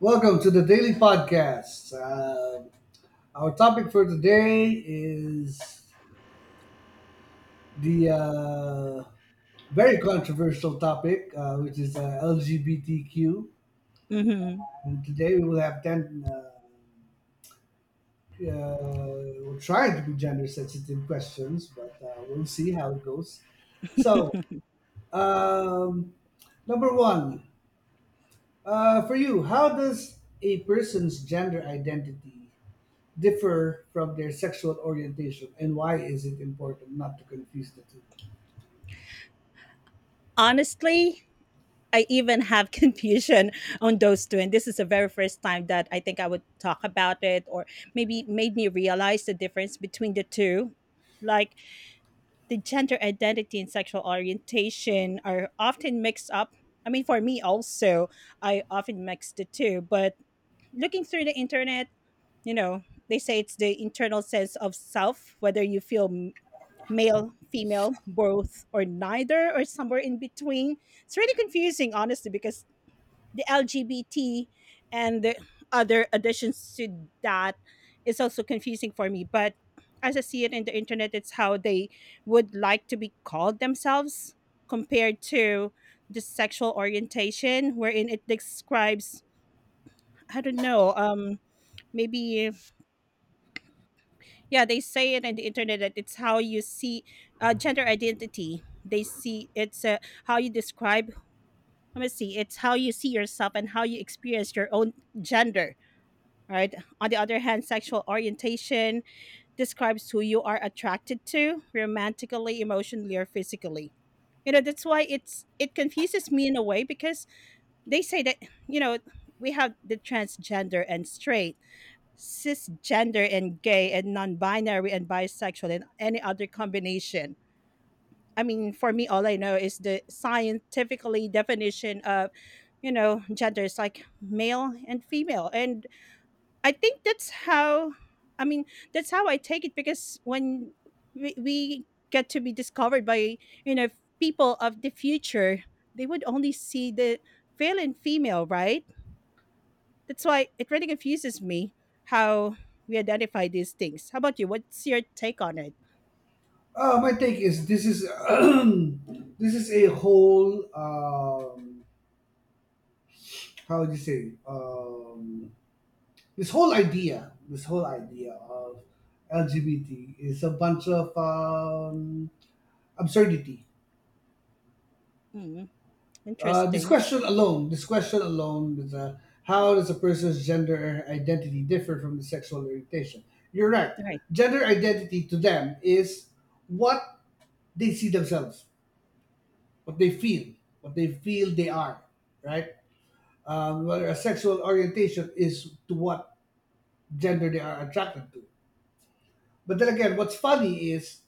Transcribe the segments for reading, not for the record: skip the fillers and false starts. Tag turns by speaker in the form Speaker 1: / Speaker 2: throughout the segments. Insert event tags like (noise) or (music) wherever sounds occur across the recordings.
Speaker 1: Welcome to the daily podcast. Our topic for today is the very controversial topic, which is LGBTQ.
Speaker 2: hmm
Speaker 1: And today we will have 10, uh, we'll try to be gender sensitive questions, but we'll see how it goes. So, um, Number one, for you, how does a person's gender identity differ from their sexual orientation, and why is it important not to confuse the two?
Speaker 2: Honestly, I even have (laughs) confusion on those two. And this is the very first time that I think I would talk about it, or maybe made me realize the difference between the two. Like, the gender identity and sexual orientation are often mixed up. I mean, for me also, I often mix the two. But looking through the internet, they say it's the internal sense of self, whether you feel male, female, both, or neither, or somewhere in between. It's really confusing, honestly, because the LGBT and the other additions to that is also confusing for me. But as I see it in the internet, it's how they would like to be called themselves compared to the sexual orientation, wherein it describes, I don't know, maybe. Yeah, they say it on the internet that it's how you see gender identity. They see it's how you describe. Let me see. It's how you see yourself and how you experience your own gender. Right. On the other hand, sexual orientation describes who you are attracted to romantically, emotionally, or physically. You know that's why it confuses me in a way, because they say that you know we have the transgender and straight, cisgender and gay and non-binary and bisexual and any other combination. I mean, for me, all I know is the scientifically definition of, gender is like male and female, and I think that's how. I mean, that's how I take it, because when we get to be discovered by, you know, people of the future, they would only see the male and female, right? That's why it really confuses me how we identify these things. How about you? What's your take on it?
Speaker 1: My take is this is (clears throat) this is a whole how would you say, this whole idea of lgbt is a bunch of absurdity.
Speaker 2: Mm,
Speaker 1: This
Speaker 2: interesting.
Speaker 1: question alone, this question alone is, how does a person's gender identity differ from the sexual orientation? You're right.
Speaker 2: Right.
Speaker 1: Gender identity to them is what they see themselves, what they feel, what they feel they are, right? Whether a sexual orientation is to what gender they are attracted to. But then again, what's funny is,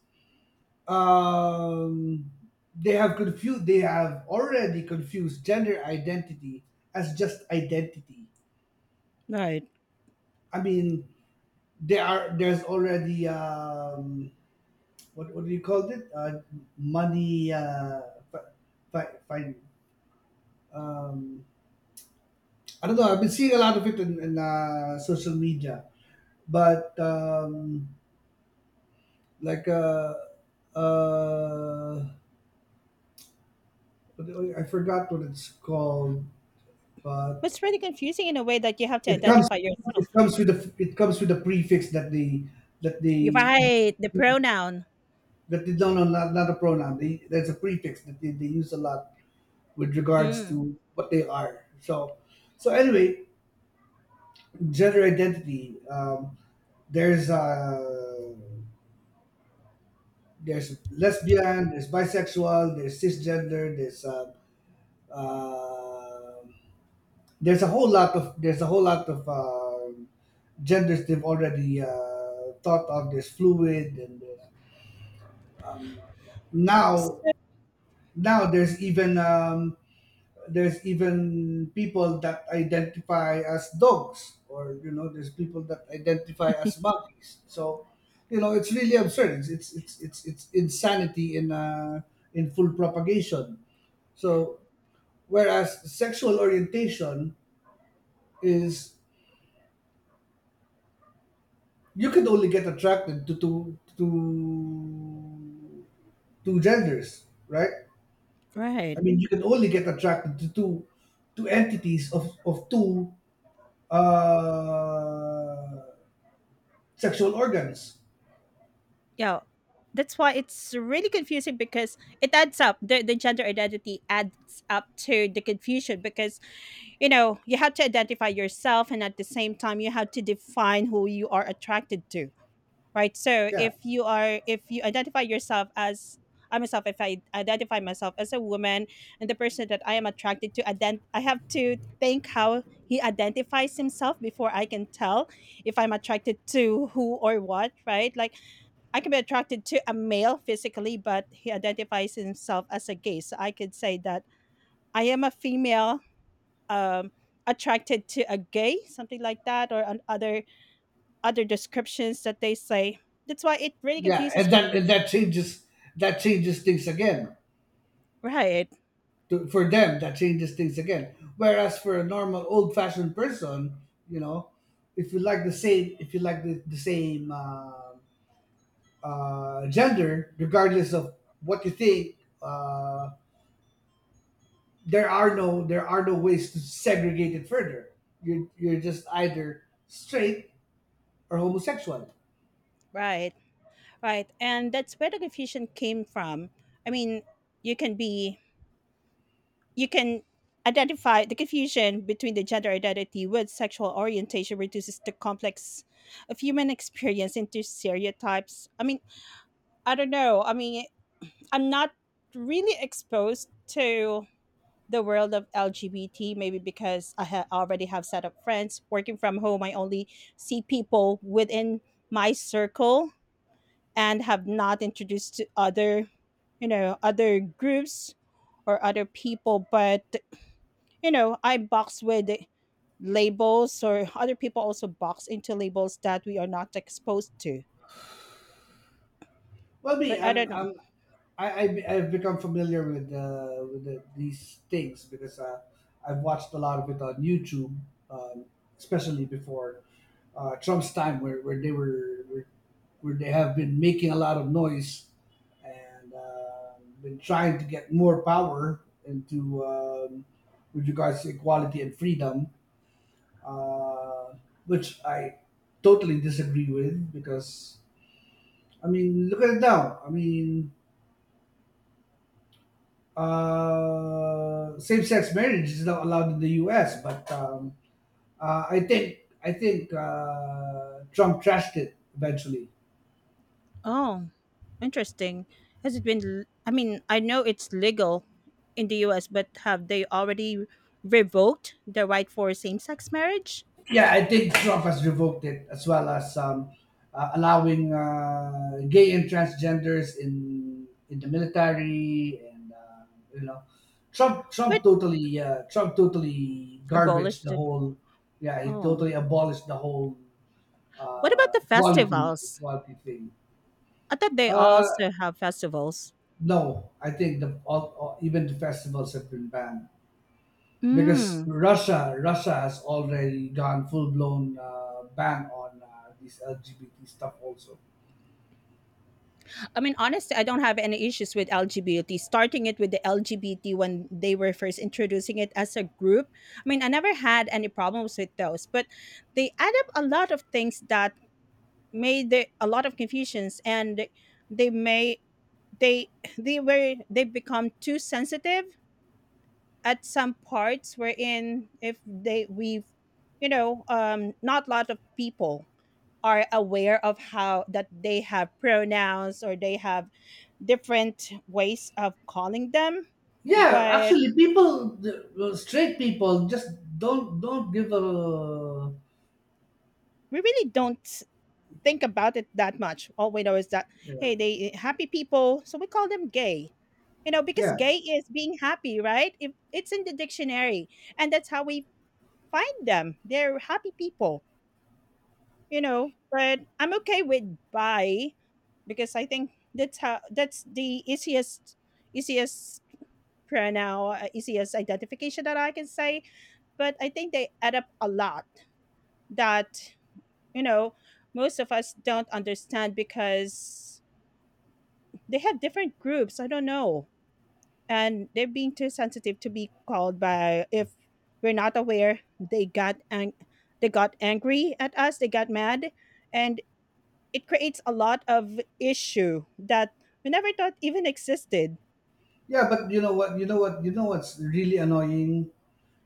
Speaker 1: um, they have confused, they have already confused gender identity as just identity.
Speaker 2: Right.
Speaker 1: I mean, there are, there's already what do you call it? Money. Fi- fi- fi- um, I don't know. I've been seeing a lot of it in, in social media, but like uh, what I forgot what it's called, but
Speaker 2: But it's really confusing in a way that you have to
Speaker 1: it comes,
Speaker 2: identify
Speaker 1: it
Speaker 2: yourself.
Speaker 1: comes with the it comes with a prefix that they
Speaker 2: Right, the pronoun.
Speaker 1: that they don't know. Not, not a pronoun. They, there's a prefix that they use a lot with regards
Speaker 2: Mm.
Speaker 1: to what they are. So, so anyway, gender identity. There's there's lesbian, there's bisexual, there's cisgender, uh, there's a whole lot of, there's a whole lot of genders they've already thought of. There's fluid and there's, now
Speaker 2: So-
Speaker 1: now there's even, there's even people that identify as dogs, or you know, there's people that identify as monkeys. So, you know, it's really absurd. It's insanity in full propagation. So whereas sexual orientation is, you can only get attracted to two, to two genders, right?
Speaker 2: right.
Speaker 1: I mean, you can only get attracted to two to entities of two uh, sexual organs.
Speaker 2: Yeah. That's why it's really confusing, because it adds up. The gender identity adds up to the confusion, because, you know, you have to identify yourself, and at the same time you have to define who you are attracted to. Right. So
Speaker 1: Yeah,
Speaker 2: if you identify yourself as — I myself, if I identify myself as a woman, and the person that I am attracted to I have to think how he identifies himself before I can tell if I'm attracted to who or what, right? Like, I can be attracted to a male physically, but he identifies himself as a gay, so I could say that I am a female, um attracted to a gay, something like that, or an other descriptions that they say. That's why it really
Speaker 1: yeah,
Speaker 2: confuses
Speaker 1: and that
Speaker 2: me.
Speaker 1: and that changes, that changes things again.
Speaker 2: Right,
Speaker 1: To, for them, that changes things again. Whereas for a normal old-fashioned person, you know, if you like the same, if you like the same gender, regardless of what you think, there are no, there are no ways to segregate it further. You're just either straight or homosexual.
Speaker 2: right, right. And that's where the confusion came from. I mean, you can be, you can identify the confusion between the gender identity with sexual orientation reduces the complex of human experience into stereotypes. I mean, I don't know. I mean, I'm not really exposed to the world of LGBT, maybe because already have set up friends working from home. I only see people within my circle and have not introduced to other groups or other people. But I box with labels, or other people also box into labels that we are not exposed to.
Speaker 1: Well, me,
Speaker 2: But I don't
Speaker 1: I'm
Speaker 2: know.
Speaker 1: I'm I, I I've become familiar with the, these things, because I've watched a lot of it on YouTube, um, especially before Trump's time, where where they have been making a lot of noise and been trying to get more power into, with regards to equality and freedom, uh, which I totally disagree with. Because I mean, look at it now. I mean, same-sex marriage is not allowed in the U.S., but I think Trump trashed it eventually.
Speaker 2: Oh, interesting. Has it been? I mean, I know it's legal in the U.S., but have they already revoked the right for same-sex marriage?
Speaker 1: Yeah, I think Trump has revoked it, as well as allowing gay and transgenders in the military, and you know,
Speaker 2: But
Speaker 1: Trump totally garbage
Speaker 2: abolished
Speaker 1: the
Speaker 2: it.
Speaker 1: whole. Yeah, he
Speaker 2: Oh,
Speaker 1: totally abolished the whole
Speaker 2: what about the
Speaker 1: equality
Speaker 2: festivals?
Speaker 1: equality thing.
Speaker 2: I thought they
Speaker 1: Uh,
Speaker 2: also have festivals.
Speaker 1: No, I think the all, even the festivals have been banned, because
Speaker 2: Mm.
Speaker 1: Russia has already gone full blown ban on this LGBT stuff also.
Speaker 2: I mean, honestly, I don't have any issues with LGBT. Starting it with the LGBT when they were first introducing it as a group. I mean, I never had any problems with those, but they add up a lot of things that made the, a lot of confusions, and they may they (laughs) they become too sensitive at some parts, wherein if they we've not a lot of people are aware of how that they have pronouns, or they have different ways of calling them.
Speaker 1: Yeah,
Speaker 2: But
Speaker 1: actually, people well, straight people just don't give a
Speaker 2: we really don't think about it that much. All we know is that,
Speaker 1: yeah,
Speaker 2: hey, they happy people, so we call them gay, because
Speaker 1: yeah,
Speaker 2: gay is being happy, right? If it's in the dictionary, and that's how we find them. They're happy people. But I'm okay with bi, because I think that's the easiest pronoun, easiest identification that I can say. But I think they add up a lot that, you know, most of us don't understand, because they have different groups. I don't know. And they're being too sensitive to be called by. If we're not aware, they got they got angry at us, they got mad, and it creates a lot of issue that we never thought even existed.
Speaker 1: yeah. But you know what? You know what? You know what's really annoying?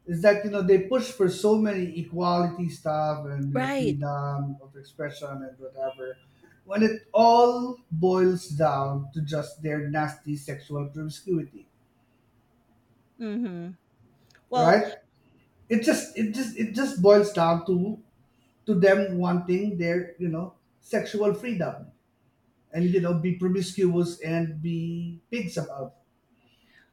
Speaker 1: Is that you know, they push for so many equality stuff and you know,
Speaker 2: Right.
Speaker 1: freedom of expression and whatever, when it all boils down to just their nasty sexual promiscuity,
Speaker 2: Mm-hmm. Well,
Speaker 1: right? It just boils down to them wanting their, you know, sexual freedom, and you know, be promiscuous and be pigs about.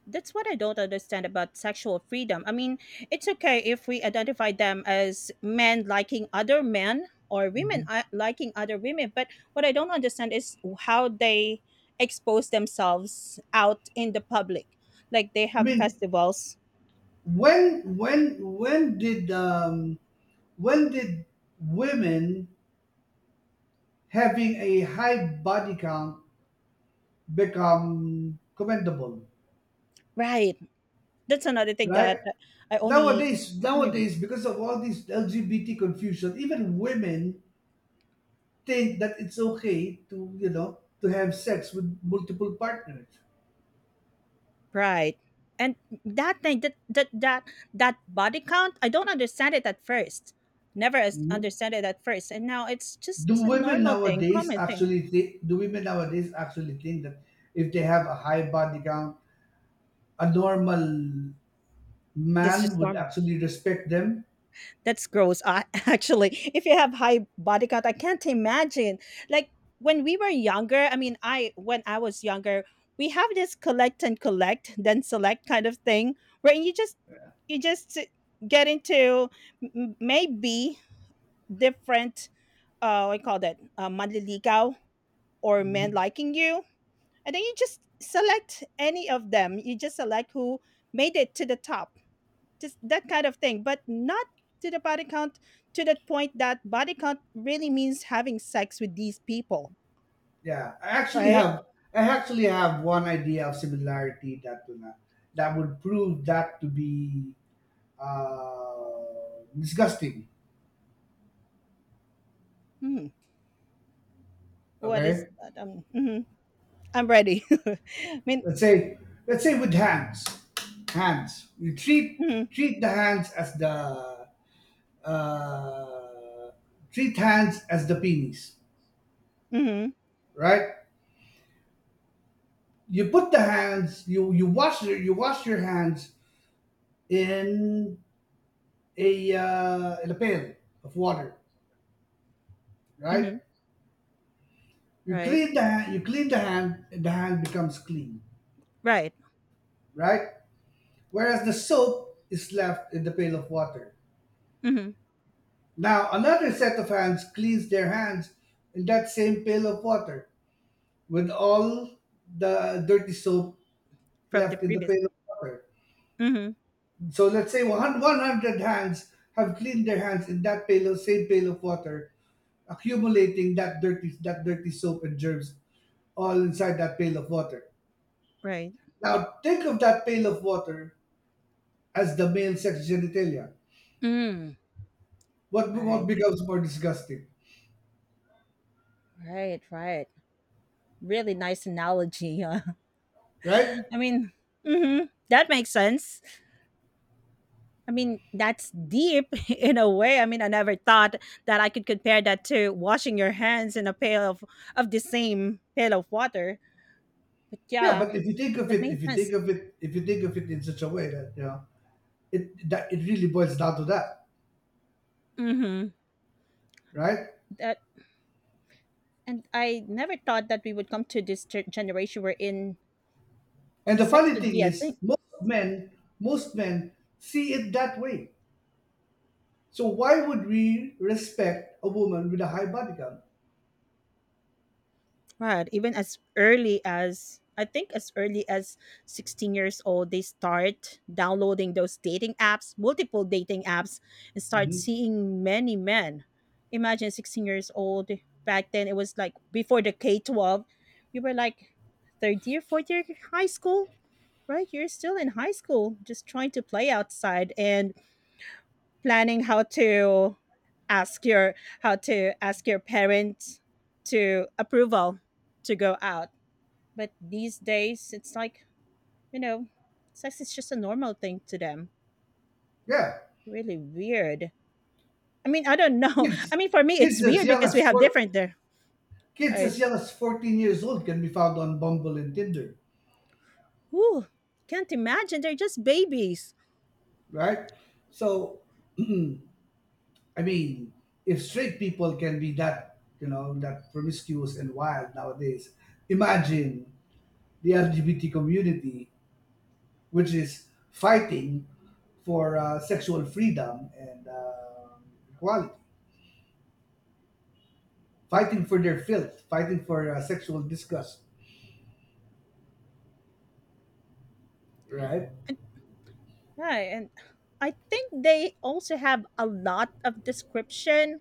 Speaker 2: that's what I don't understand about sexual freedom. I mean, it's okay if we identify them as men liking other men, or women
Speaker 1: Mhm.
Speaker 2: liking other women, but what I don't understand is how they expose themselves out in the public. Like, they
Speaker 1: I
Speaker 2: have
Speaker 1: mean,
Speaker 2: festivals.
Speaker 1: when when when did um when did women having a high body count become commendable,
Speaker 2: Right. That's another thing
Speaker 1: right?
Speaker 2: that I only
Speaker 1: Nowadays, nowadays, because of all this LGBT confusion, even women think that it's okay to, you know, to have sex with multiple partners.
Speaker 2: Right. And that thing that body count, I don't understand it at first. Never
Speaker 1: Mhm.
Speaker 2: understand it at first, and now it's just
Speaker 1: Do
Speaker 2: a
Speaker 1: women
Speaker 2: normal thing,
Speaker 1: nowadays
Speaker 2: common thing.
Speaker 1: actually think? Do women nowadays actually think that if they have a high body count, a normal
Speaker 2: That's
Speaker 1: man
Speaker 2: just
Speaker 1: would
Speaker 2: normal.
Speaker 1: actually respect them?
Speaker 2: That's gross. (laughs) Actually, if you have high body count, I can't imagine. Like, when we were younger, I mean, I when I was younger, we have this collect and collect, then select kind of thing, where you just get into maybe different, I call that manliligaw, or men
Speaker 1: Mm-hmm.
Speaker 2: liking you, and then you just select any of them. You just select who made it to the top, just that kind of thing, but not to the body count, to the point that body count really means having sex with these people,
Speaker 1: Yeah, I actually
Speaker 2: right?
Speaker 1: have I actually have one idea of similarity that will not, that would prove that to be disgusting.
Speaker 2: Hmm. What is
Speaker 1: Okay,
Speaker 2: that? Mhm. I'm ready. (laughs) I mean,
Speaker 1: let's say let's say with hands, hands. You
Speaker 2: mhm,
Speaker 1: treat the hands as the, uh, treat hands as the penis,
Speaker 2: mhm,
Speaker 1: right? You put the hands, you wash you wash your hands in a, in a pail of water, right?
Speaker 2: mhm. Right,
Speaker 1: You clean the hand, and the hand becomes clean,
Speaker 2: right.
Speaker 1: right? Whereas the soap is left in the pail of water.
Speaker 2: Mhm.
Speaker 1: Now, another set of hands cleans their hands in that same pail of water with all the dirty soap
Speaker 2: From the
Speaker 1: left in the
Speaker 2: previous,
Speaker 1: pail of water.
Speaker 2: hmm
Speaker 1: So let's say 100 hands have cleaned their hands in that pail of, same pail of water, accumulating that dirty soap and germs all inside that pail of water.
Speaker 2: right.
Speaker 1: Now, think of that pail of water as the male sex genitalia.
Speaker 2: Mm,
Speaker 1: What
Speaker 2: right,
Speaker 1: becomes more disgusting,
Speaker 2: right, right. Really nice analogy. (laughs)
Speaker 1: right?
Speaker 2: I mean, that makes sense. I mean, that's deep (laughs) in a way. I mean, I never thought that I could compare that to washing your hands in a pail of the same pail of water. But
Speaker 1: Yeah,
Speaker 2: yeah,
Speaker 1: but if you think of
Speaker 2: that
Speaker 1: it,
Speaker 2: made
Speaker 1: if you
Speaker 2: sense.
Speaker 1: think of it, if you think of it in such a way that you know it, that it really boils down to that,
Speaker 2: hmm
Speaker 1: right?
Speaker 2: That, and I never thought that we would come to this generation where in
Speaker 1: And the
Speaker 2: sex
Speaker 1: funny
Speaker 2: would
Speaker 1: thing
Speaker 2: be a
Speaker 1: is,
Speaker 2: thing.
Speaker 1: most men see it that way. So why would we respect a woman with a high body count?
Speaker 2: Right. Even as early as, I think, as early as 16 years old, they start downloading those dating apps, multiple dating apps, and start
Speaker 1: Hmm.
Speaker 2: seeing many men. Imagine 16 years old. Back then, it was like before the K 12, you were like third year, fourth year high school, right? You're still in high school, just trying to play outside and planning ask your how to ask your parents to approval to go out. But these days, it's like, you know, sex is just a normal thing to them.
Speaker 1: Yeah,
Speaker 2: Really weird. I mean, I don't know. (laughs) I
Speaker 1: kids,
Speaker 2: mean, for me, it's
Speaker 1: kids as
Speaker 2: weird
Speaker 1: young
Speaker 2: because we
Speaker 1: as
Speaker 2: have
Speaker 1: four,
Speaker 2: different there,
Speaker 1: kids
Speaker 2: right?
Speaker 1: as young as 14 years old can be found on Bumble and Tinder,
Speaker 2: Whew, can't imagine. They're just babies.
Speaker 1: right? So (clears throat) I mean, if straight people can be that, you know, that promiscuous and wild nowadays, imagine the LGBT community, which is fighting for sexual freedom and equality, fighting for their filth, fighting for sexual disgust, right?
Speaker 2: And, right. And I think they also have a lot of description.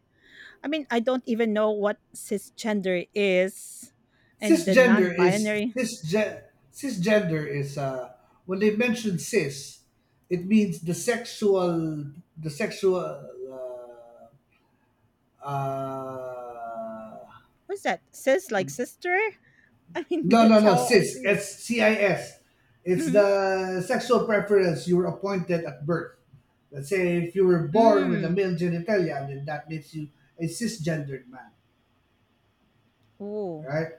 Speaker 2: I mean, I don't even know what cisgender is, and the non
Speaker 1: Cisgender is
Speaker 2: binary.
Speaker 1: cisge- Cisgender is, when they mention cis, it means the sexual, the sexual Uh,
Speaker 2: What's that? Cis, like sister? (laughs) I mean,
Speaker 1: no, no,
Speaker 2: that's
Speaker 1: no,
Speaker 2: how I see
Speaker 1: CIS.
Speaker 2: it.
Speaker 1: It's CIS. It's
Speaker 2: Mhm.
Speaker 1: the sexual preference you were appointed at birth. Let's say if you were born with a
Speaker 2: Mm.
Speaker 1: male genitalia, then that makes you a cisgendered man,
Speaker 2: Oh,
Speaker 1: right?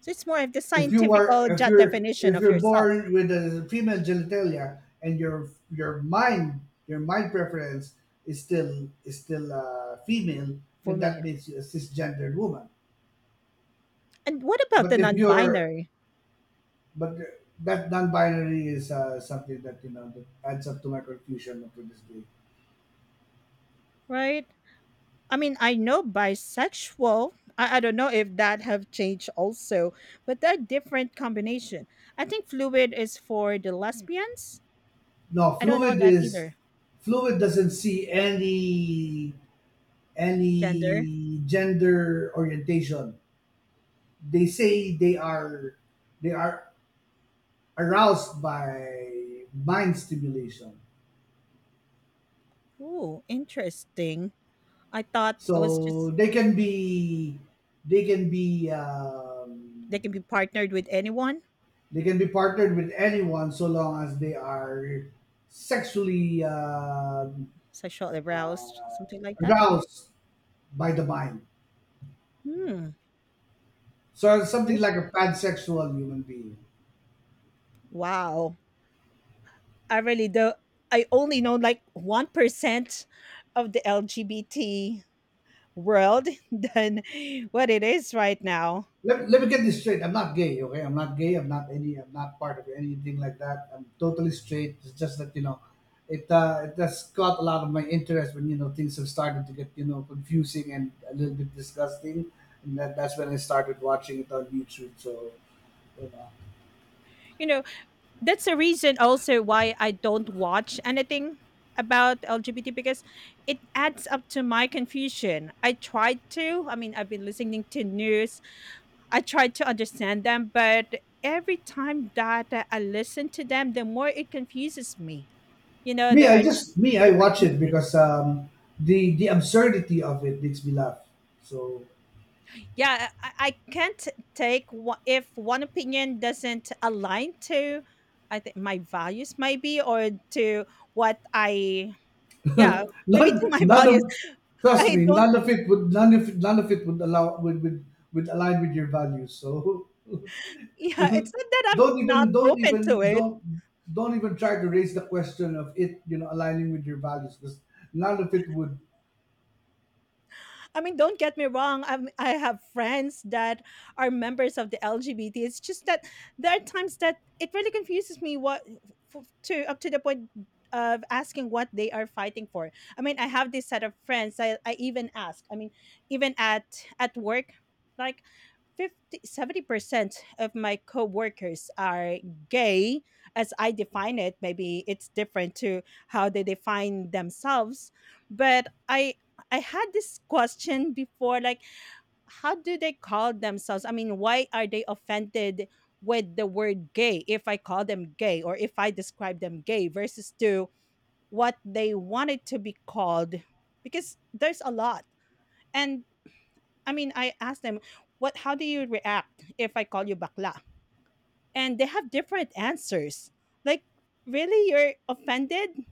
Speaker 2: so it's more of the
Speaker 1: If you
Speaker 2: scientific
Speaker 1: are,
Speaker 2: job definition
Speaker 1: if
Speaker 2: of
Speaker 1: you're
Speaker 2: yourself
Speaker 1: born with a female genitalia, and your mind preference is still, is still female,
Speaker 2: for
Speaker 1: then
Speaker 2: me.
Speaker 1: that makes you a cisgendered woman.
Speaker 2: And what about
Speaker 1: But
Speaker 2: the
Speaker 1: if you're,
Speaker 2: non-binary,
Speaker 1: but that non-binary is something that you know, that adds up to my confusion up to this day.
Speaker 2: right? I mean, I know bisexual. I don't know if that have changed also, but they're different combination. I think fluid is for the lesbians.
Speaker 1: No,
Speaker 2: I don't know that either.
Speaker 1: fluid doesn't see any
Speaker 2: Gender.
Speaker 1: any gender orientation. They say they are aroused by mind stimulation,
Speaker 2: Ooh, interesting. I thought it was
Speaker 1: so
Speaker 2: just
Speaker 1: they can be
Speaker 2: they
Speaker 1: um,
Speaker 2: can be partnered with anyone,
Speaker 1: they can be partnered with anyone, so long as they are sexually uh,
Speaker 2: sexual aroused, something like that.
Speaker 1: aroused by the mind.
Speaker 2: Hmm.
Speaker 1: So something
Speaker 2: There's
Speaker 1: like a pansexual human being.
Speaker 2: wow. I really do. I only know like 1% of the LGBT world (laughs) than what it is right now.
Speaker 1: Let, let me get this straight. I'm not gay, okay? I'm not gay. I'm not any. I'm not part of anything like that. I'm totally straight. It's just that you know, it has caught a lot of my interest when you know, things have started to get you know, confusing and a little bit disgusting, and that, that's when I started watching it on YouTube. So you know,
Speaker 2: You know, that's a reason also why I don't watch anything about LGBT, because it adds up to my confusion. I tried to, I mean, I've been listening to news, I tried to understand them, but every time that I listen to them, the more it confuses me. You know, there are
Speaker 1: me, I
Speaker 2: different
Speaker 1: watch it
Speaker 2: movements.
Speaker 1: because the absurdity of it makes me laugh. So
Speaker 2: Yeah, I can't take if one opinion doesn't align to, I think, my values, maybe, or to what I, yeah,
Speaker 1: (laughs)
Speaker 2: maybe to
Speaker 1: none,
Speaker 2: my (laughs)
Speaker 1: none
Speaker 2: values.
Speaker 1: of, trust
Speaker 2: I
Speaker 1: me,
Speaker 2: don't,
Speaker 1: none of it would, none of none of it would allow would align with your values, so (laughs)
Speaker 2: yeah, it's not that I'm
Speaker 1: don't
Speaker 2: not
Speaker 1: even don't
Speaker 2: open
Speaker 1: even
Speaker 2: to it.
Speaker 1: don't don't even try to raise the question of it you know, aligning with your values, because none of it would.
Speaker 2: I mean, don't get me wrong. I have friends that are members of the LGBT. It's just that there are times that it really confuses me what to, up to the point of asking what they are fighting for. I mean, I have this set of friends. I even ask. I mean, even at work, like 50-70% of my coworkers are gay as I define it. Maybe it's different to how they define themselves. But I had this question before, like how do they call themselves? I mean, why are they offended with the word gay if I call them gay or if I describe them gay versus to what they wanted to be called, because there's a lot. And I mean, I asked them, "What? How do you react if I call you bakla?" And they have different answers. Like, really, you're offended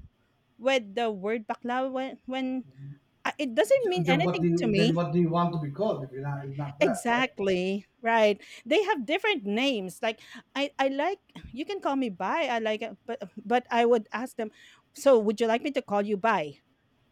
Speaker 2: with the word bakla when it doesn't mean
Speaker 1: Then what
Speaker 2: anything
Speaker 1: do
Speaker 2: to
Speaker 1: you, then
Speaker 2: me.
Speaker 1: what do you want to be called if you're not, if not that, right?
Speaker 2: Exactly right. They have different names. Like, I like, you can call me Bai. I like it, but I would ask them. So, would you like me to call you Bai?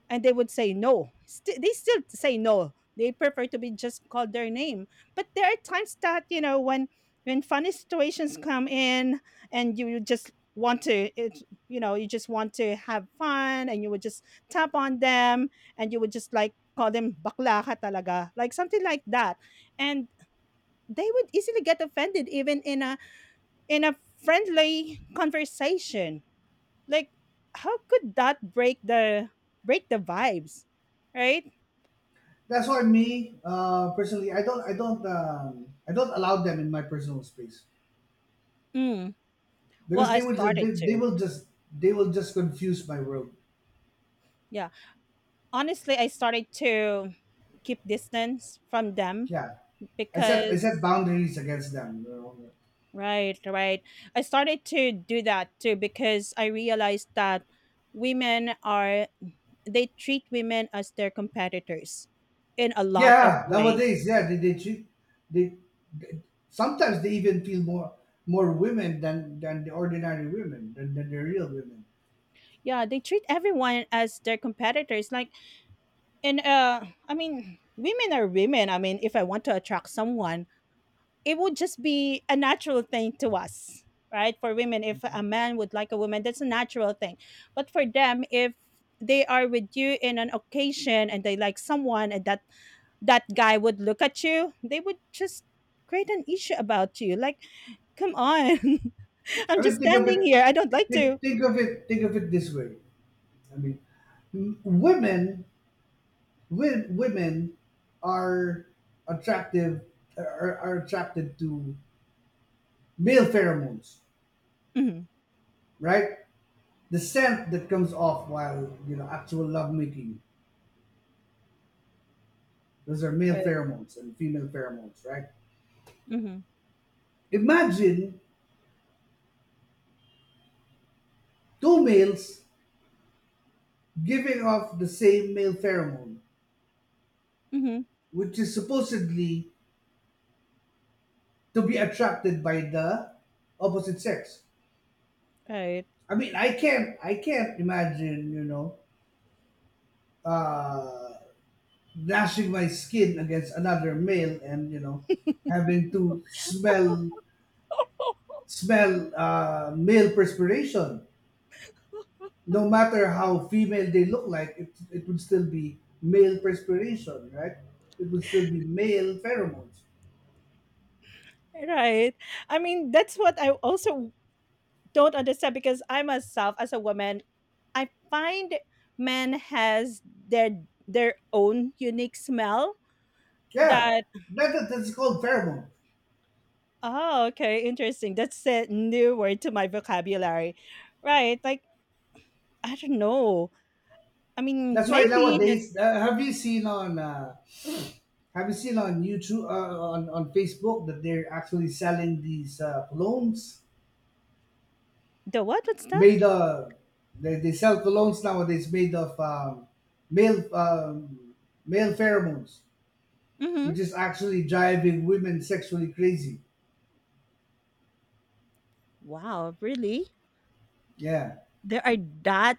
Speaker 2: And they would say no. They still say no. They prefer to be just called their name. But there are times that when funny situations come in, and you just want to, it, you know, you just want to have fun, and you would just tap on them, and you would just like call them bakla ka talaga, like something like that, and they would easily get offended even in a friendly conversation, like how could that break the vibes, right?
Speaker 1: That's why me, personally, i don't I don't allow them in my personal space,
Speaker 2: Mm. Well,
Speaker 1: because
Speaker 2: I started to.
Speaker 1: they will just confuse my world.
Speaker 2: Yeah. Honestly, I started to keep distance from them
Speaker 1: Yeah, I
Speaker 2: because
Speaker 1: set boundaries against them. You know?
Speaker 2: right, right. I started to do that too because I realized that women are they treat women as their competitors in a lot of
Speaker 1: Yeah,
Speaker 2: way.
Speaker 1: nowadays, yeah, they they sometimes they even feel more, more women than the ordinary women than the real women.
Speaker 2: Yeah, they treat everyone as their competitors. Like, and I mean, women are women. I mean, if I want to attract someone, it would just be a natural thing to us, right? For women, if a man would like a woman, that's a natural thing. But for them, if they are with you in an occasion and they like someone, and that guy would look at you, they would just create an issue about you, like come on. (laughs) I'm
Speaker 1: I
Speaker 2: just
Speaker 1: mean, think of
Speaker 2: standing
Speaker 1: it.
Speaker 2: here. I don't like to.
Speaker 1: Think of it. Think of it this way. I mean, m- women, women are attractive. Are attracted to male pheromones,
Speaker 2: Hmm.
Speaker 1: right? The scent that comes off while you know, actual lovemaking. Those are male
Speaker 2: Right.
Speaker 1: pheromones and female pheromones, right?
Speaker 2: Mm-hmm.
Speaker 1: Imagine two males giving off the same male pheromone,
Speaker 2: Mm-hmm.
Speaker 1: which is supposedly to be attracted by the opposite sex.
Speaker 2: Right.
Speaker 1: I mean, I can't imagine, uh, gnashing my skin against another male and having to smell male perspiration. No matter how female they look like, it would still be male perspiration, right? It would still be male pheromones.
Speaker 2: Right. I mean, that's what I also don't understand, because I myself, as a woman, I find men has their own unique smell
Speaker 1: Yeah,
Speaker 2: that
Speaker 1: that's called pheromone.
Speaker 2: Oh, okay, interesting. That's a new word to my vocabulary. Right, like I don't know. I mean,
Speaker 1: That's why
Speaker 2: maybe that
Speaker 1: nowadays, have you seen on YouTube on Facebook that they're actually selling these colognes
Speaker 2: the what? What's that?
Speaker 1: made of they sell colognes nowadays made of male male pheromones,
Speaker 2: Mm-hmm.
Speaker 1: which is actually driving women sexually crazy.
Speaker 2: Wow, really?
Speaker 1: Yeah.
Speaker 2: There are that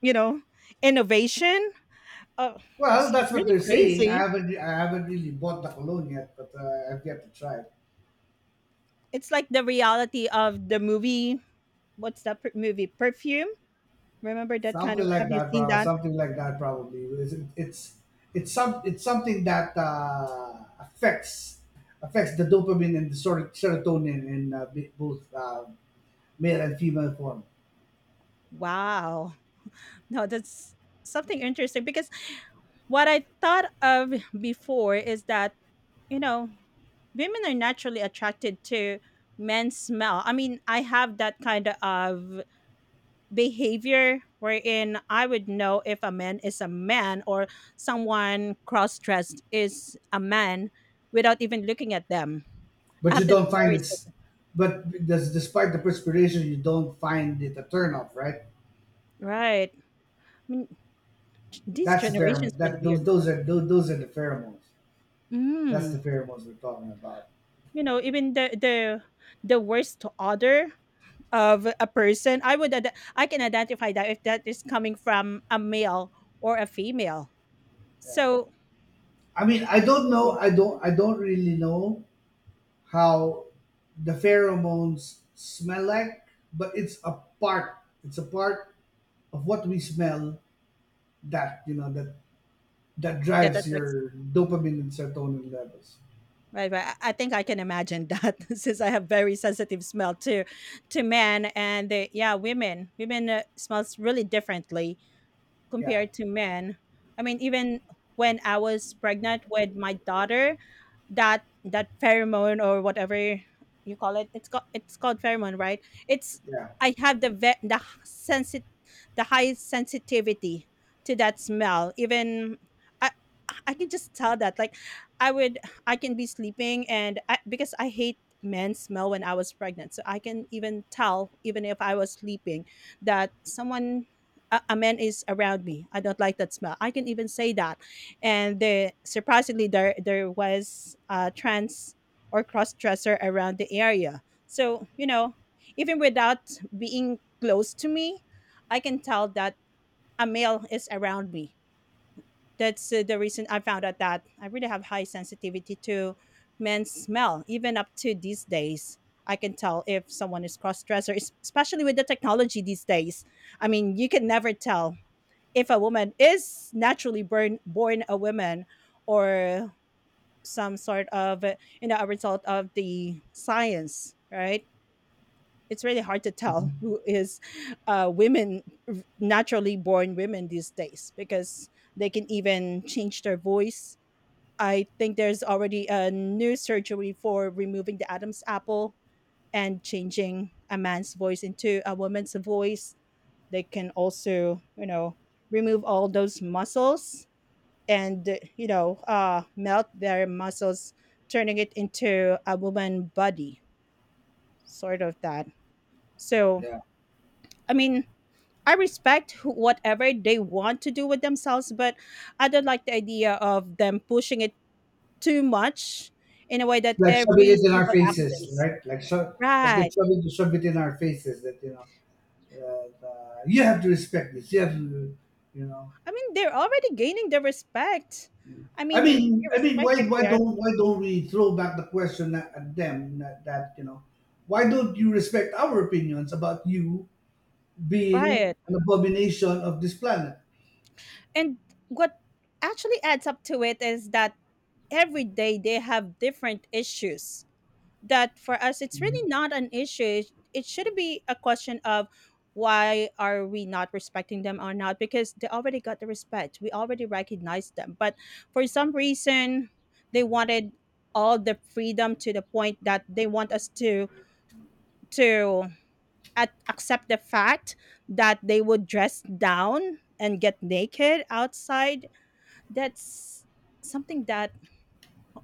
Speaker 2: you know innovation. Oh,
Speaker 1: Well,
Speaker 2: it's
Speaker 1: that's what
Speaker 2: really
Speaker 1: they're saying. I
Speaker 2: crazy.
Speaker 1: haven't, I haven't really bought the cologne yet, but I've yet to try it.
Speaker 2: It's like the reality of the movie. What's that movie? Perfume. Remember that kind of?
Speaker 1: Something like
Speaker 2: Have you
Speaker 1: that,
Speaker 2: seen
Speaker 1: bro.
Speaker 2: that?
Speaker 1: Something like that, probably. It's something that affects the dopamine and the sort of serotonin in both male and female form.
Speaker 2: Wow. No, that's something interesting because what I thought of before is that you know women are naturally attracted to men's smell. I mean, I have that kind of behavior wherein I would know if a man is a man or someone cross dressed is a man without even looking at them. I
Speaker 1: But you
Speaker 2: have that
Speaker 1: don't find
Speaker 2: very
Speaker 1: it's, but does despite the perspiration, you don't find it a turnoff, right?
Speaker 2: right. I mean, these
Speaker 1: That's a
Speaker 2: generations
Speaker 1: pheromone.
Speaker 2: really
Speaker 1: That
Speaker 2: weird.
Speaker 1: those are the pheromones. That's the
Speaker 2: Mm.
Speaker 1: pheromones we're talking about.
Speaker 2: You know, even the worst odor of a person, I can identify that if that is coming from a male or a female.
Speaker 1: Yeah.
Speaker 2: So
Speaker 1: I mean, I
Speaker 2: it's
Speaker 1: don't
Speaker 2: really
Speaker 1: know. I don't. I don't really know how the pheromones smell like, but it's a part. It's a part of what we smell that you know that that
Speaker 2: yeah, that
Speaker 1: drives
Speaker 2: attracts,
Speaker 1: your dopamine and serotonin levels.
Speaker 2: right, right. I think I can imagine that. (laughs) Since I have very sensitive smell to men, and yeah, women. Women smells really differently
Speaker 1: Yeah,
Speaker 2: compared to men. I mean, even when I was pregnant with my daughter, that pheromone, or whatever you call it, it's called pheromone, right? It's
Speaker 1: yeah,
Speaker 2: I have the highest sensitivity to that smell. Even I I can just tell that, like I would I can be sleeping, and I, because I hate men smell when I was pregnant, so I can even tell, even if I was sleeping, that someone, a man is around me. I don't like that smell. I can even say that. And surprisingly, there was a trans or cross dresser around the area. So, even without being close to me, I can tell that a male is around me. That's the reason I found out that I really have high sensitivity to men's smell, even up to these days. I can tell if someone is cross dresser, especially with the technology these days. I mean, you can never tell if a woman is naturally born a woman, or some sort of a result of the science, right? It's really hard to tell (laughs)
Speaker 1: mhm,
Speaker 2: who is women naturally born women these days, because they can even change their voice. I think there's already a new surgery for removing the Adam's apple and changing a man's voice into a woman's voice. They can also remove all those muscles, and melt their muscles, turning it into a woman body, sort of that. So
Speaker 1: yeah.
Speaker 2: I mean, I respect whatever they want to do with themselves, but I don't like the idea of them pushing it too much in a way
Speaker 1: It's
Speaker 2: that
Speaker 1: like shoving
Speaker 2: every
Speaker 1: it in our
Speaker 2: single
Speaker 1: faces,
Speaker 2: actions
Speaker 1: right? Like they're
Speaker 2: right.
Speaker 1: shoving to shove it in our faces that that you have to respect this. You have to, you know.
Speaker 2: I mean, they're already gaining the respect. I mean,
Speaker 1: I mean,
Speaker 2: irrespective they're
Speaker 1: why don't we throw back the question at them that, why don't you respect our opinions about you being
Speaker 2: right.
Speaker 1: an abomination of this planet?
Speaker 2: And what actually adds up to it is that every day they have different issues that for us it's really not an issue. It should be a question of why are we not respecting them or not, because they already got the respect, we already recognize them. But for some reason, they wanted all the freedom to the point that they want us to accept the fact that they would dress down and get naked outside. That's something that,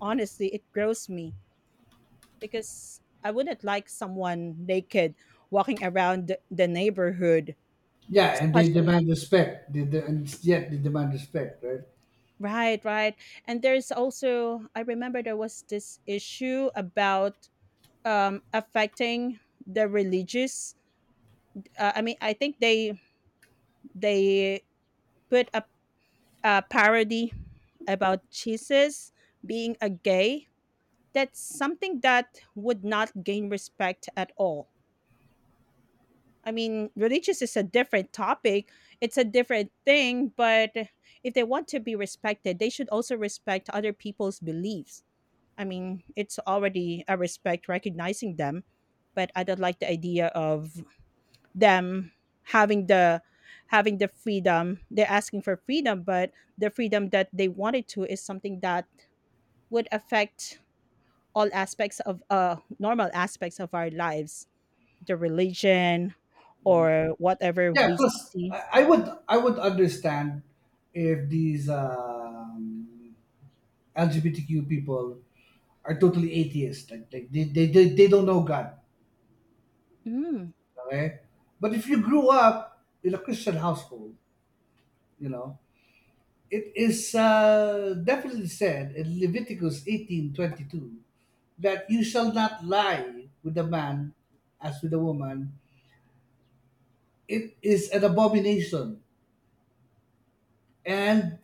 Speaker 2: honestly, it grows me, because I wouldn't like someone naked walking around the neighborhood,
Speaker 1: Yeah, and they
Speaker 2: especially
Speaker 1: demand respect. And yet they demand respect, right?
Speaker 2: Right, right. And there's also, I remember, there was this issue about affecting the religious. I mean, I think they put a parody about Jesus being a gay. That's something that would not gain respect at all. I mean, religious is a different topic. It's a different thing. But if they want to be respected, they should also respect other people's beliefs. I mean, it's already a respect recognizing them, but I don't like the idea of them having the having the freedom. They're asking for freedom, but the freedom that they wanted to is something that would affect all aspects of normal aspects of our lives, the religion, or whatever
Speaker 1: Yeah.
Speaker 2: we
Speaker 1: Plus,
Speaker 2: see.
Speaker 1: I would understand if these LGBTQ people are totally atheist, like they don't know God,
Speaker 2: Mm.
Speaker 1: okay? But if you grew up in a Christian household, you know, it is definitely said in Leviticus 18:22 that you shall not lie with a man as with a woman. It is an abomination. And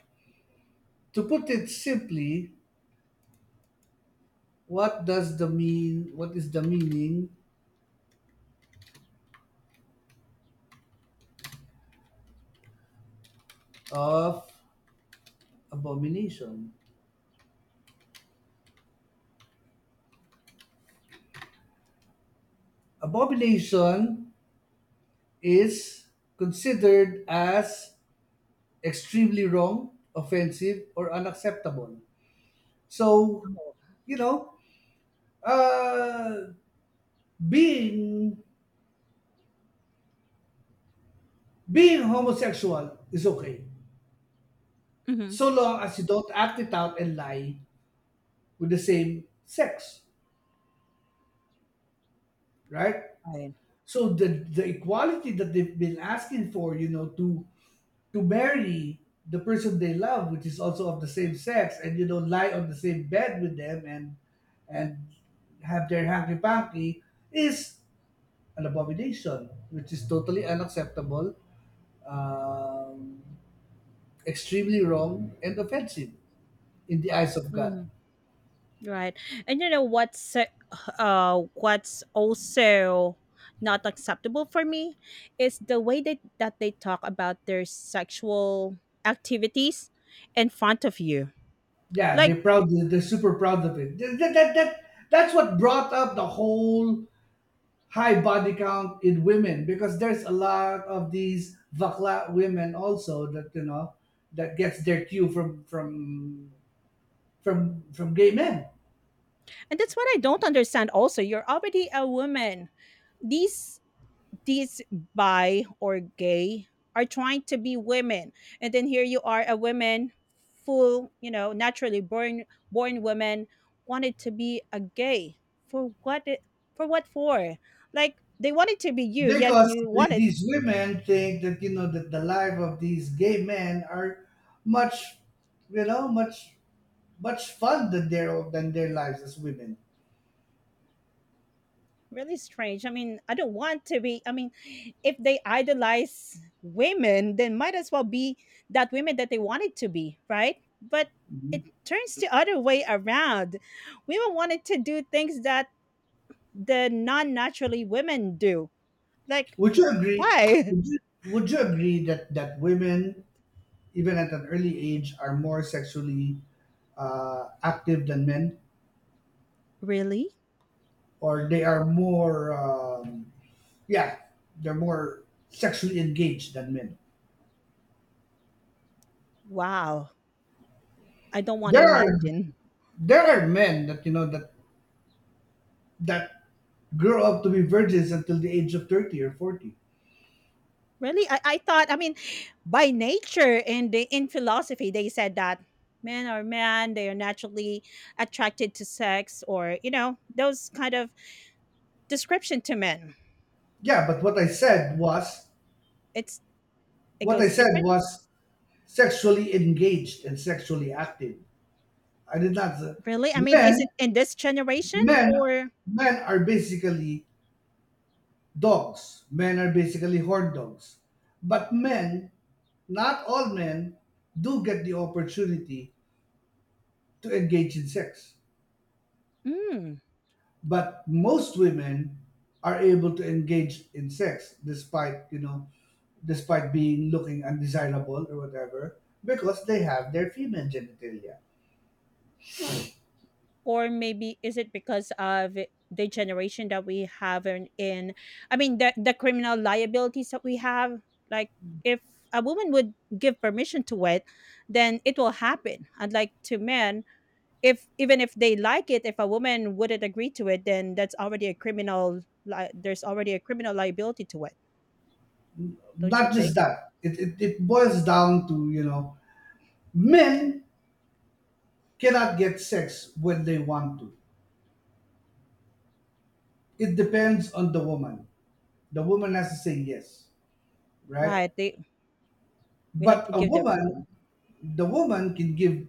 Speaker 1: to put it simply, what does the mean? What is the meaning of abomination? Abomination is considered as extremely wrong, offensive, or unacceptable. So,
Speaker 2: Oh,
Speaker 1: you know, uh, being being homosexual is okay
Speaker 2: Mm-hmm.
Speaker 1: so long as you don't act it out and lie with the same sex, right?
Speaker 2: Right.
Speaker 1: So the equality that they've been asking for, you know, to marry the person they love, which is also of the same sex, and you know lie on the same bed with them and and have their hanky panky is an abomination, which is totally unacceptable, um, extremely wrong and offensive in the eyes of God.
Speaker 2: Mm, right. And you know what's also not acceptable for me is the way that they talk about their sexual activities in front of you.
Speaker 1: Yeah,
Speaker 2: Like,
Speaker 1: they're proud. They're super proud of it. That's what brought up the whole high body count in women, because there's a lot of these vakla women also that you know that gets their cue from gay men,
Speaker 2: and that's what I don't understand also. You're already a woman. These these bi or gay are trying to be women, and then here you are a woman, full, naturally born woman, wanted to be a gay for what for what for, like they wanted to be you, yet
Speaker 1: because
Speaker 2: you
Speaker 1: the,
Speaker 2: wanted
Speaker 1: these women think that you know that the life of these gay men are much, you know, much fun than their, than their lives as women.
Speaker 2: really strange. I mean, I don't want to be, I mean, if they idolize women, then might as well be that women that they wanted to be, right? But
Speaker 1: Mm-hmm.
Speaker 2: it turns the other way around, women wanted to do things that the non-naturally women do. Like,
Speaker 1: Would you agree?
Speaker 2: why?
Speaker 1: Would you,
Speaker 2: (laughs)
Speaker 1: would you agree that women, even at an early age, are more sexually active than men,
Speaker 2: Really?
Speaker 1: or they are more, yeah, they're more sexually engaged than men?
Speaker 2: Wow. I don't want to
Speaker 1: There are
Speaker 2: imagine.
Speaker 1: men that you know that grow up to be virgins until the age of 30 or 40.
Speaker 2: Really? I thought, I mean, by nature and in philosophy, they said that men are men, they are naturally attracted to sex, or, you know, those kind of description to men.
Speaker 1: Yeah, but what I
Speaker 2: So,
Speaker 1: said was
Speaker 2: it's, it
Speaker 1: what I
Speaker 2: goes
Speaker 1: said
Speaker 2: differently.
Speaker 1: was sexually engaged and sexually active. I did not.
Speaker 2: Really? I mean, is
Speaker 1: Men
Speaker 2: it in this generation
Speaker 1: Men
Speaker 2: or?
Speaker 1: men are basically dogs. Men are basically horn dogs. But men, not all men, do get the opportunity to engage in sex.
Speaker 2: Mm.
Speaker 1: But most women are able to engage in sex despite, you know, despite being looking undesirable or whatever, because they have their female genitalia.
Speaker 2: Or maybe is it because of the generation that we have in I mean, the criminal liabilities that we have, like if a woman would give permission to it, then it will happen, unlike to men. If, even if they like it, if a woman wouldn't agree to it, then that's already a criminal li- there's already a criminal liability to it, don't you
Speaker 1: Not just
Speaker 2: think?
Speaker 1: that, it boils down to, you know, men cannot get sex when they want to. It depends on the woman. The woman has to say yes, right?
Speaker 2: Right, they we have
Speaker 1: But
Speaker 2: to
Speaker 1: a
Speaker 2: give the
Speaker 1: woman,
Speaker 2: approval.
Speaker 1: the woman can give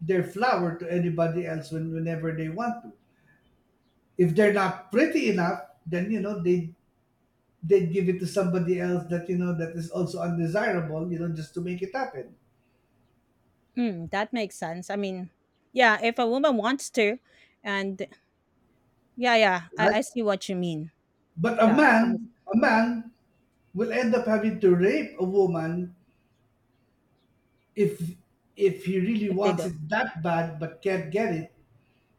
Speaker 1: their flower to anybody else when, whenever they want to. If they're not pretty enough, then you know they give it to somebody else that you know that is also undesirable, you know, just to make it happen,
Speaker 2: Mm, that makes sense. I mean, yeah, if a woman wants to, and yeah, yeah,
Speaker 1: right?
Speaker 2: I see what you mean.
Speaker 1: But
Speaker 2: Yeah, as long as
Speaker 1: a man will end up having to rape a woman if he really
Speaker 2: if they
Speaker 1: wants it
Speaker 2: don't,
Speaker 1: that bad but can't get it.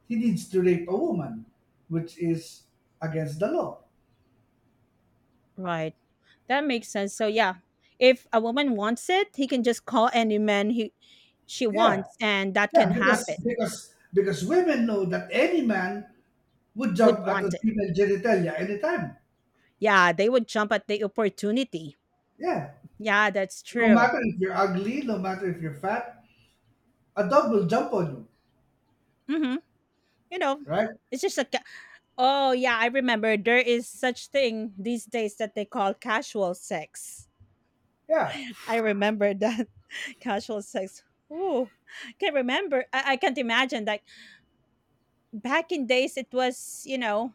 Speaker 1: He needs to rape a woman, which is against the law.
Speaker 2: right, that makes sense. So yeah, if a woman wants it, he can just call any man he she
Speaker 1: Yeah,
Speaker 2: wants, and that
Speaker 1: yeah,
Speaker 2: can
Speaker 1: because
Speaker 2: happen.
Speaker 1: because because women know that any man would
Speaker 2: Would
Speaker 1: jump at
Speaker 2: want
Speaker 1: a
Speaker 2: it.
Speaker 1: female genitalia anytime.
Speaker 2: Yeah, they would jump at the opportunity.
Speaker 1: Yeah,
Speaker 2: Yeah, that's
Speaker 1: no
Speaker 2: true.
Speaker 1: matter if you're ugly, no matter if you're fat, a dog will jump on you,
Speaker 2: Mhm. You know,
Speaker 1: right?
Speaker 2: it's Oh, yeah, I remember there is such thing these days that they call casual sex.
Speaker 1: Yeah.
Speaker 2: (laughs) I remember that. (laughs) Casual sex. Ooh, can't remember. I can't imagine. Like back in days, it was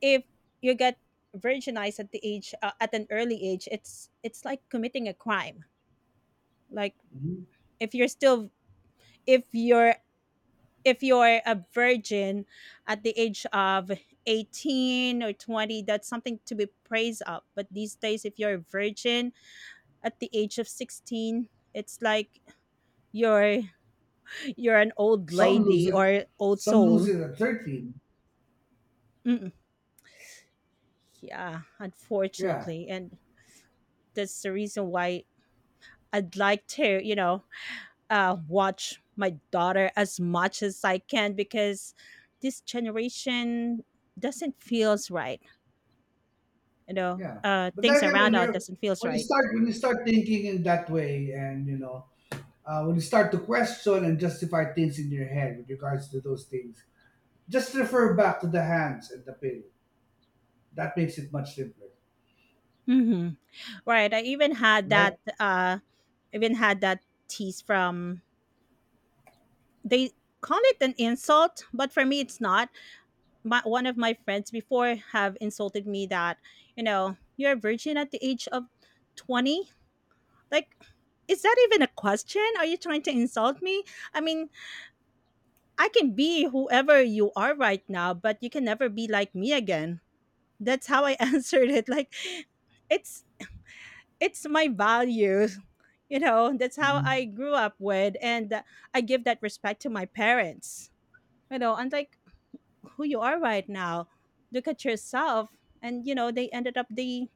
Speaker 2: if you get virginized at an early age, it's like committing a crime. Like
Speaker 1: Mhm.
Speaker 2: if you're still if you're if you're a virgin at the age of 18 or 20, that's something to be praised of. But these days, if you're a virgin at the age of 16, it's like you're you're an old
Speaker 1: Some lose
Speaker 2: lady
Speaker 1: it,
Speaker 2: or old
Speaker 1: some lose
Speaker 2: soul.
Speaker 1: it at 13.
Speaker 2: Mm-mm. Yeah,
Speaker 1: Yeah,
Speaker 2: unfortunately, and that's the reason why I'd like to, watch my daughter as much as I can, because this generation doesn't feels right.
Speaker 1: yeah. But then
Speaker 2: Things
Speaker 1: again,
Speaker 2: around out doesn't feels right.
Speaker 1: when you start thinking in that way, and when you start to question and justify things in your head with regards to those things, just refer back to the hands and the pill. That makes it much simpler,
Speaker 2: Hmm. Right. I even had
Speaker 1: right?
Speaker 2: that. Even had that tease from. They call it an insult, but for me, it's not one of my friends before have insulted me that you're a virgin at the age of 20, like is that even a question, are you trying to insult me? I mean, I can be whoever you are right now, but you can never be like me again. That's how I (laughs) answered it. Like, it's it's my values, that's how I
Speaker 1: Mhm.
Speaker 2: grew up with. And I give that respect to my parents, unlike who you are right now. Look at yourself. And they ended up the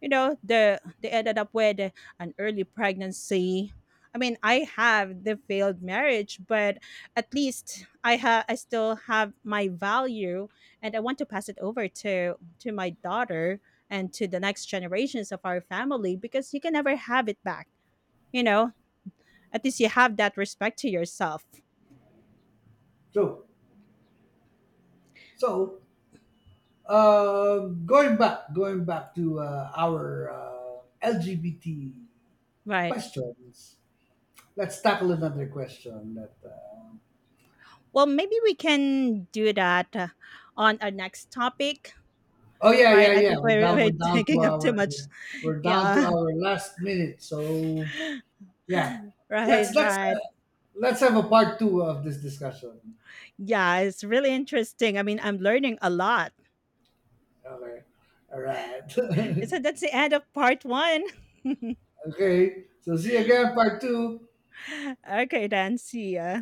Speaker 2: they ended up with an early pregnancy. I mean, I have the failed marriage, but at least I still have my value, and I want to pass it over to my daughter and to the next generations of our family, because you can never have it back, you know at least you have that respect to yourself,
Speaker 1: So, so going back, to our LGBT
Speaker 2: right?
Speaker 1: questions. Let's tackle another question. That
Speaker 2: Well, maybe we can do that on our next topic,
Speaker 1: oh yeah
Speaker 2: right?
Speaker 1: yeah
Speaker 2: I
Speaker 1: yeah,
Speaker 2: think we're, we're (laughs) taking up too much.
Speaker 1: we're down to
Speaker 2: Yeah,
Speaker 1: our last minute. So yeah,
Speaker 2: (laughs)
Speaker 1: let's
Speaker 2: right,
Speaker 1: let's uh,
Speaker 2: right.
Speaker 1: let's have a part two of this discussion.
Speaker 2: Yeah, it's really interesting. I mean, I'm learning a lot.
Speaker 1: Okay, all right,
Speaker 2: So that's the end of part one.
Speaker 1: (laughs) okay. So see you again, part two.
Speaker 2: (laughs) Okay, then, see ya.